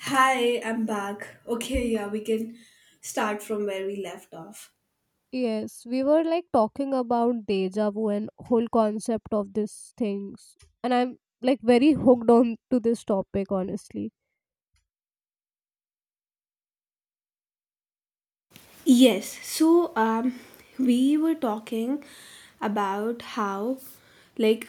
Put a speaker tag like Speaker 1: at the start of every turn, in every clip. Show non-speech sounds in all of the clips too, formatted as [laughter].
Speaker 1: Hi, I'm back. Okay, yeah, we can start from where we left off.
Speaker 2: Yes, we were like talking about deja vu and whole concept of these things. And I'm like very [laughs] hooked on to this topic, honestly.
Speaker 1: Yes, we were talking about how, like,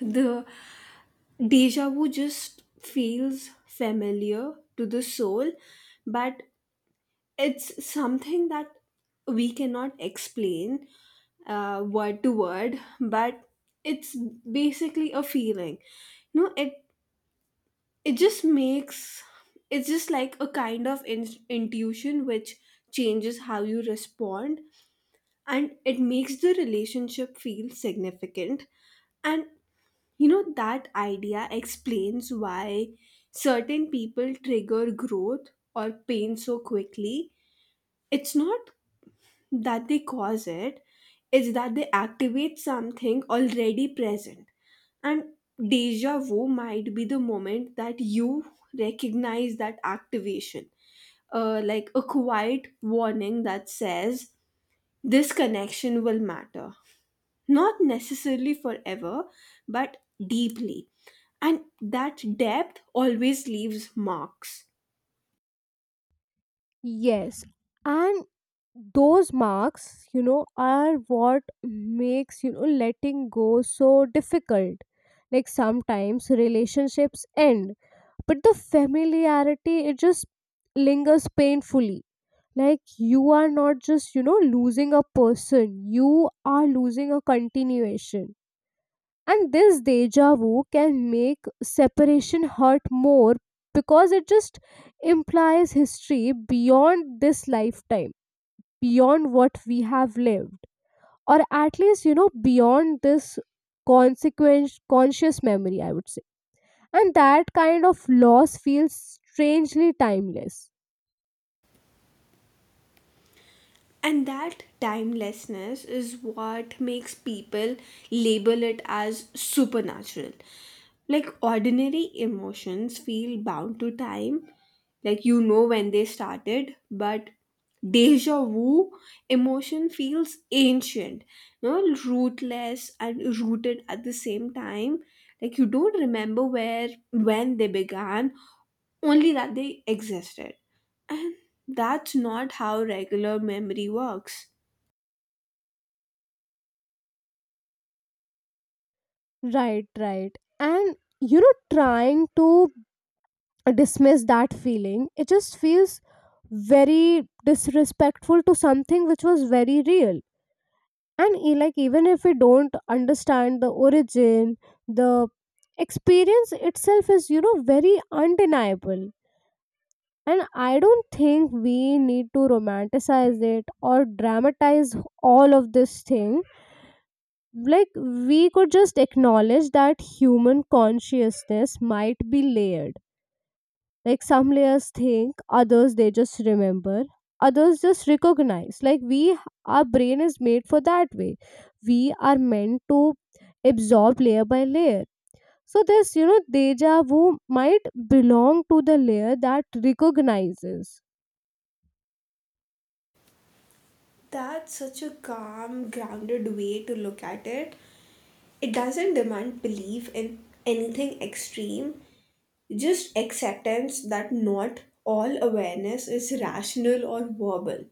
Speaker 1: the deja vu just feels familiar to the soul, but it's something that we cannot explain word to word, but it's basically a feeling. No, it just makes it's just like a kind of intuition which changes how you respond, and it makes the relationship feel significant. And you know, that idea explains why certain people trigger growth or pain so quickly. It's not that they cause it, it's that they activate something already present. And deja vu might be the moment that you recognize that activation, like a quiet warning that says, "This connection will matter. Not necessarily forever, but deeply." And that depth always leaves marks.
Speaker 2: Yes. And those marks, you know, are what makes, letting go so difficult. Like sometimes relationships end, but the familiarity, it just lingers painfully, like you are not just, you know, losing a person, you are losing a continuation. And this deja vu can make separation hurt more because it just implies history beyond this lifetime, beyond what we have lived, or at least, you know, beyond this consequence conscious memory, I would say. And that kind of loss feels strangely timeless.
Speaker 1: And that timelessness is what makes people label it as supernatural. Like, ordinary emotions feel bound to time, like you know when they started, but deja vu emotion feels ancient, you know, rootless and rooted at the same time. Like, you don't remember where when they began, only that they existed. And that's not how regular memory works.
Speaker 2: Right, right. And you know, trying to dismiss that feeling. It just feels very disrespectful to something which was very real. Like even if we don't understand the origin, the experience itself is, you know, very undeniable. And I don't think we need to romanticize it or dramatize all of this thing. Like we could just acknowledge that human consciousness might be layered. Like some layers think, others they just remember, others just recognize. Our brain is made for that way. We are meant to absorb layer by layer. So this, you know, deja vu might belong to the layer that recognizes.
Speaker 1: That's such a calm, grounded way to look at it. It doesn't demand belief in anything extreme, just acceptance that not all awareness is rational or verbal.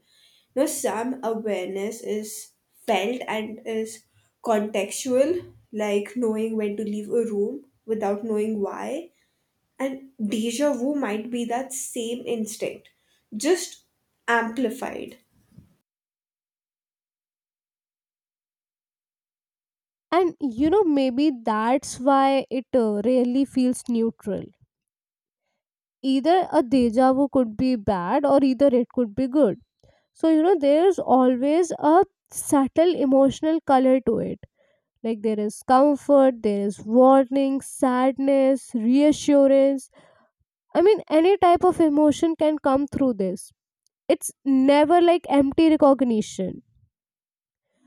Speaker 1: Now, some awareness is felt and is contextual, like knowing when to leave a room without knowing why. And deja vu might be that same instinct, just amplified.
Speaker 2: And you know, maybe that's why it really feels neutral. Either a deja vu could be bad or either it could be good. So, you know, there's always a subtle emotional color to it. Like there is comfort, there is warning, sadness, reassurance. I mean, any type of emotion can come through this. It's never like empty recognition,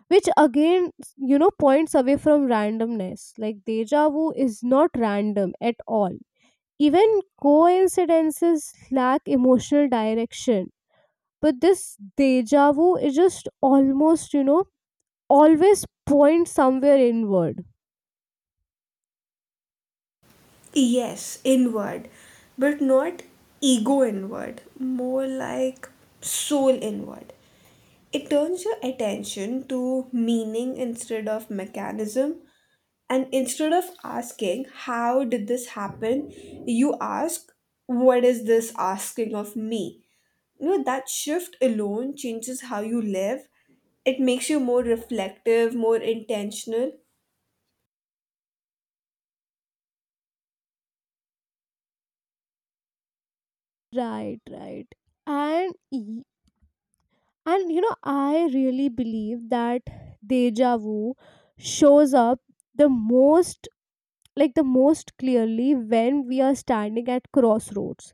Speaker 2: which again, you know, points away from randomness. Like deja vu is not random at all. Even coincidences lack emotional direction. But this deja vu is just almost, you know, always points somewhere inward.
Speaker 1: Yes, inward, but not ego inward, more like soul inward. It turns your attention to meaning instead of mechanism. And instead of asking, "How did this happen?" you ask, "What is this asking of me?" You know, that shift alone changes how you live. It makes you more reflective, more intentional.
Speaker 2: Right, right. And y- and you know, I really believe that deja vu shows up the most, like the most clearly, when we are standing at crossroads.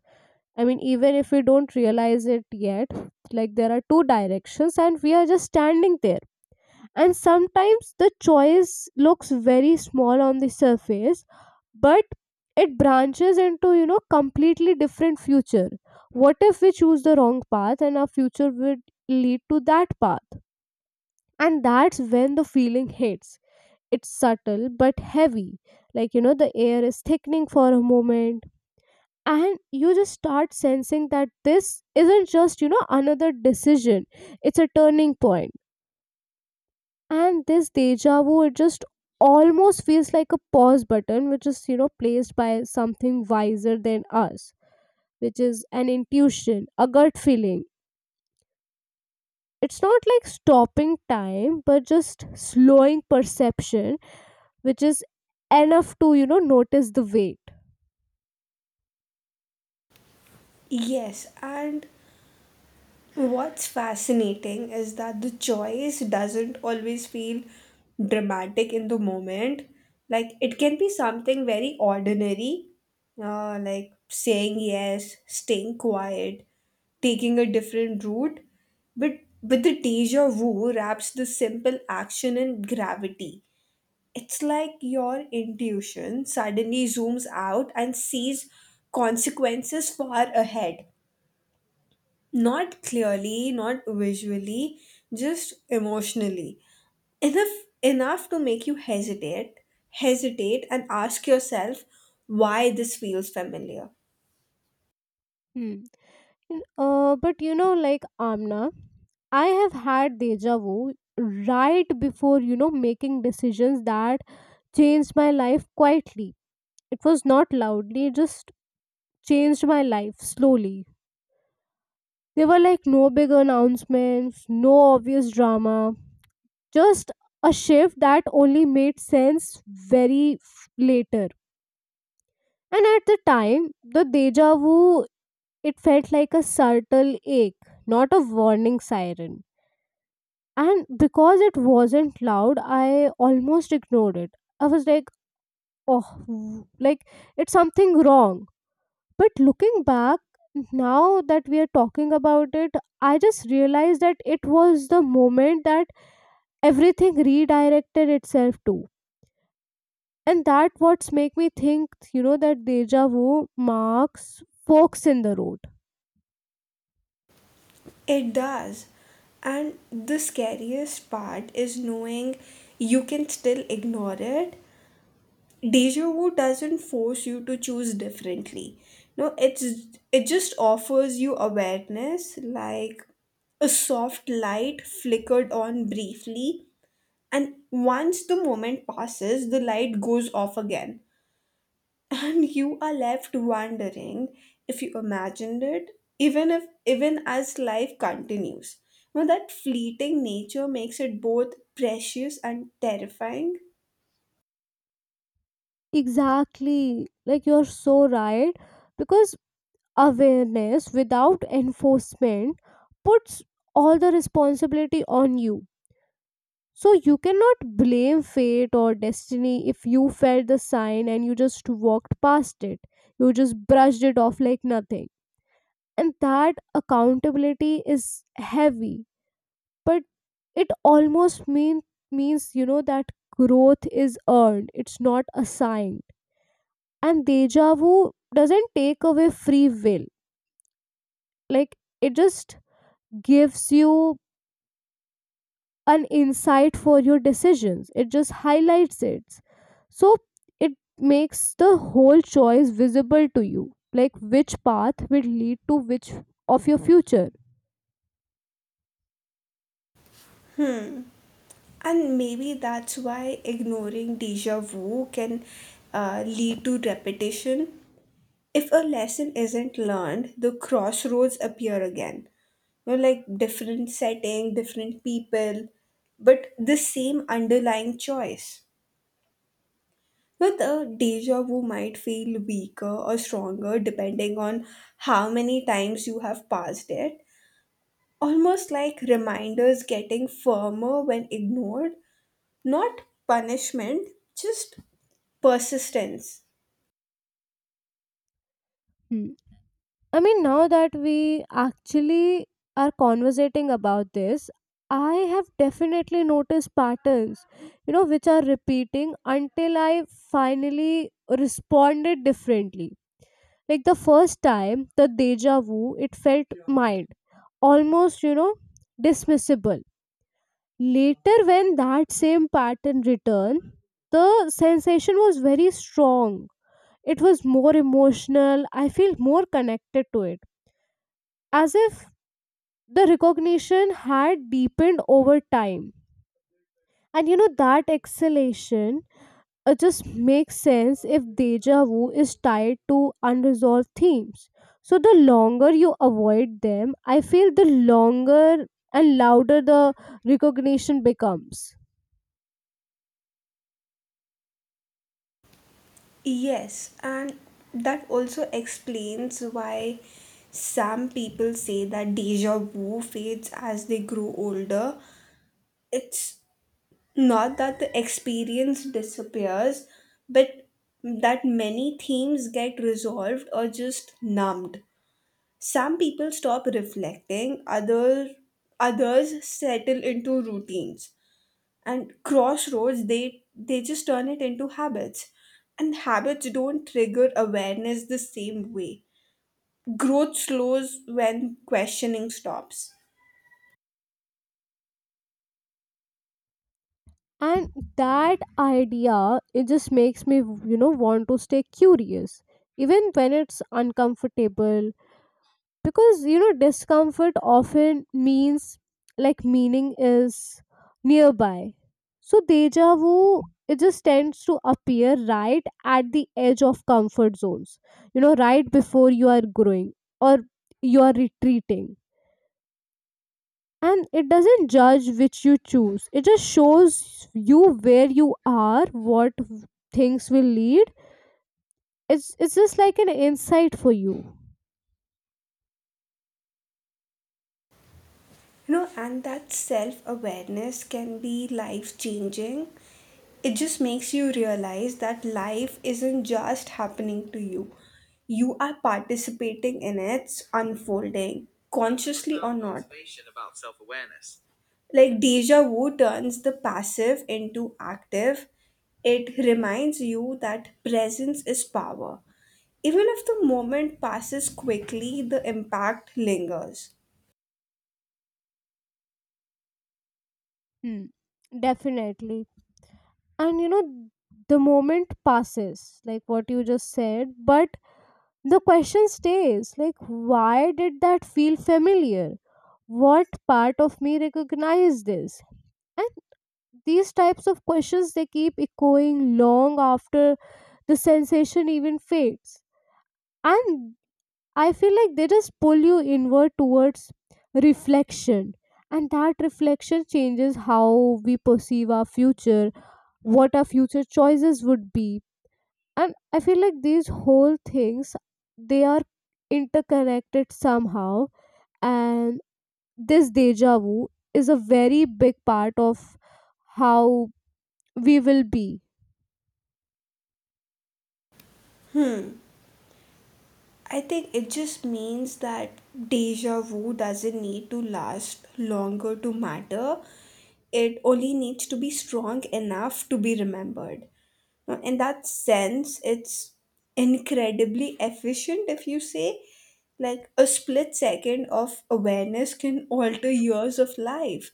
Speaker 2: I mean, even if we don't realize it yet, like there are two directions and we are just standing there. And sometimes the choice looks very small on the surface, but it branches into, you know, completely different future. What if we choose the wrong path and our future would lead to that path? And that's when the feeling hits. It's subtle but heavy, like you know the air is thickening for a moment, and you just start sensing that this isn't just, you know, another decision. It's a turning point. And this deja vu, it just almost feels like a pause button which is, you know, placed by something wiser than us, which is an intuition, a gut feeling. It's not like stopping time, but just slowing perception, which is enough to, you know, notice the weight.
Speaker 1: Yes, and what's fascinating is that the choice doesn't always feel dramatic in the moment. Like, it can be something very ordinary, like saying yes, staying quiet, taking a different route. But the deja vu wraps the simple action in gravity. It's like your intuition suddenly zooms out and sees consequences far ahead, not clearly, not visually, just emotionally. Enough enough to make you hesitate and ask yourself why this feels familiar.
Speaker 2: Hmm. And but you know, like Amna, I have had deja vu right before, you know, making decisions that changed my life quietly. It was not loudly, it just changed my life slowly. There were like no big announcements, no obvious drama, just a shift that only made sense later. And at the time, the deja vu, it felt like a subtle ache, not a warning siren. And because it wasn't loud, I almost ignored it. I was like, oh, like it's something wrong. But looking back, now that we are talking about it, I just realized that it was the moment that everything redirected itself to. And that what's make me think, you know, that deja vu marks forks in the road.
Speaker 1: It does. And the scariest part is knowing you can still ignore it. Deja vu doesn't force you to choose differently. No, it's it just offers you awareness, like a soft light flickered on briefly. And once the moment passes, the light goes off again. [laughs] And you are left wondering if you imagined it, even if even as life continues. Now, that fleeting nature makes it both precious and terrifying.
Speaker 2: Exactly, like you're so right, because awareness without enforcement puts all the responsibility on you. So you cannot blame fate or destiny if you felt the sign and you just walked past it, you just brushed it off like nothing. And that accountability is heavy, but it almost means, you know, that growth is earned, it's not assigned. And deja vu doesn't take away free will. Like it just gives you an insight for your decisions, it just highlights it. So it makes the whole choice visible to you, like which path will lead to which of your future.
Speaker 1: And maybe that's why ignoring deja vu can lead to repetition. If a lesson isn't learned, the crossroads appear again. You know, like different setting, different people, but the same underlying choice. But the deja vu might feel weaker or stronger depending on how many times you have passed it. Almost like reminders getting firmer when ignored, not punishment, just persistence.
Speaker 2: Hmm. I mean, now that we actually are conversating about this, I have definitely noticed patterns, you know, which are repeating until I finally responded differently. Like the first time, the deja vu, it felt mild, almost, you know, dismissible. Later, when that same pattern returned, the sensation was very strong. It was more emotional. I feel more connected to it, as if the recognition had deepened over time. And you know, that exhalation just makes sense if deja vu is tied to unresolved themes. So, the longer you avoid them, I feel the longer and louder the recognition becomes.
Speaker 1: Yes, and that also explains why some people say that deja vu fades as they grow older. It's not that the experience disappears, but that many themes get resolved or just numbed. Some people stop reflecting, others settle into routines, and crossroads they just turn it into habits. And habits don't trigger awareness the same way. Growth slows when questioning stops.
Speaker 2: And that idea, it just makes me, you know, want to stay curious, even when it's uncomfortable, because you know discomfort often means like meaning is nearby. So deja vu, it just tends to appear right at the edge of comfort zones, you know, right before you are growing or you are retreating. And it doesn't judge which you choose, it just shows you where you are, what things will lead. It's just like an insight for you.
Speaker 1: You know, and that self awareness can be life changing. It just makes you realize that life isn't just happening to you, you are participating in its unfolding, consciously or not. Like, deja vu turns the passive into active. It reminds you that presence is power. Even if the moment passes quickly, the impact lingers.
Speaker 2: Hmm. Definitely. And you know, the moment passes, like what you just said, but the question stays like, why did that feel familiar? What part of me recognized this? And these types of questions, they keep echoing long after the sensation even fades. And I feel like they just pull you inward towards reflection. And that reflection changes how we perceive our future, what our future choices would be. And I feel like these whole things, they are interconnected somehow. And this deja vu is a very big part of how we will be.
Speaker 1: I think it just means that deja vu doesn't need to last longer to matter. It only needs to be strong enough to be remembered. Now, in that sense, it's incredibly efficient. If you say, like, a split second of awareness can alter years of life.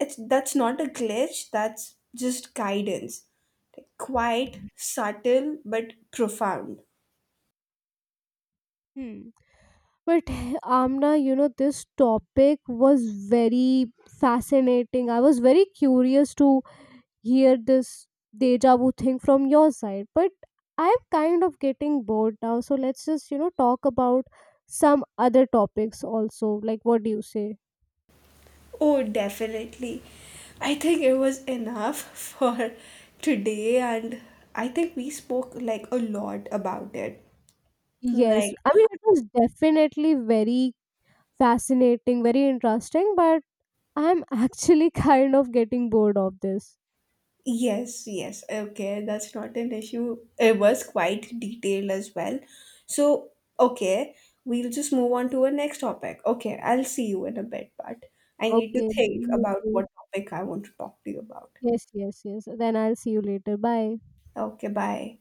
Speaker 1: It's, that's not a glitch, that's just guidance. Like, quite subtle, but profound.
Speaker 2: Hmm. But [laughs] Amna, you know, this topic was very fascinating. I was very curious to hear this deja vu thing from your side. But I'm kind of getting bored now. So let's just, you know, talk about some other topics also. Like, what do you say?
Speaker 1: Oh, definitely. I think it was enough [laughs] for today, and I think we spoke like a lot about it.
Speaker 2: Yes.
Speaker 1: Like,
Speaker 2: I mean, it was definitely very fascinating, very interesting. But I'm actually [laughs] kind of getting bored of this.
Speaker 1: yes, yes, okay, that's not an issue. It was quite detailed as well. So, okay, we'll just move on to our next topic. Okay, I'll see you in a bit, but I need to
Speaker 2: Okay,
Speaker 1: think
Speaker 2: me
Speaker 1: about
Speaker 2: too.
Speaker 1: what topic I want to talk to you about.
Speaker 2: Yes, yes, yes. Then I'll see you later. Bye.
Speaker 1: Okay, bye.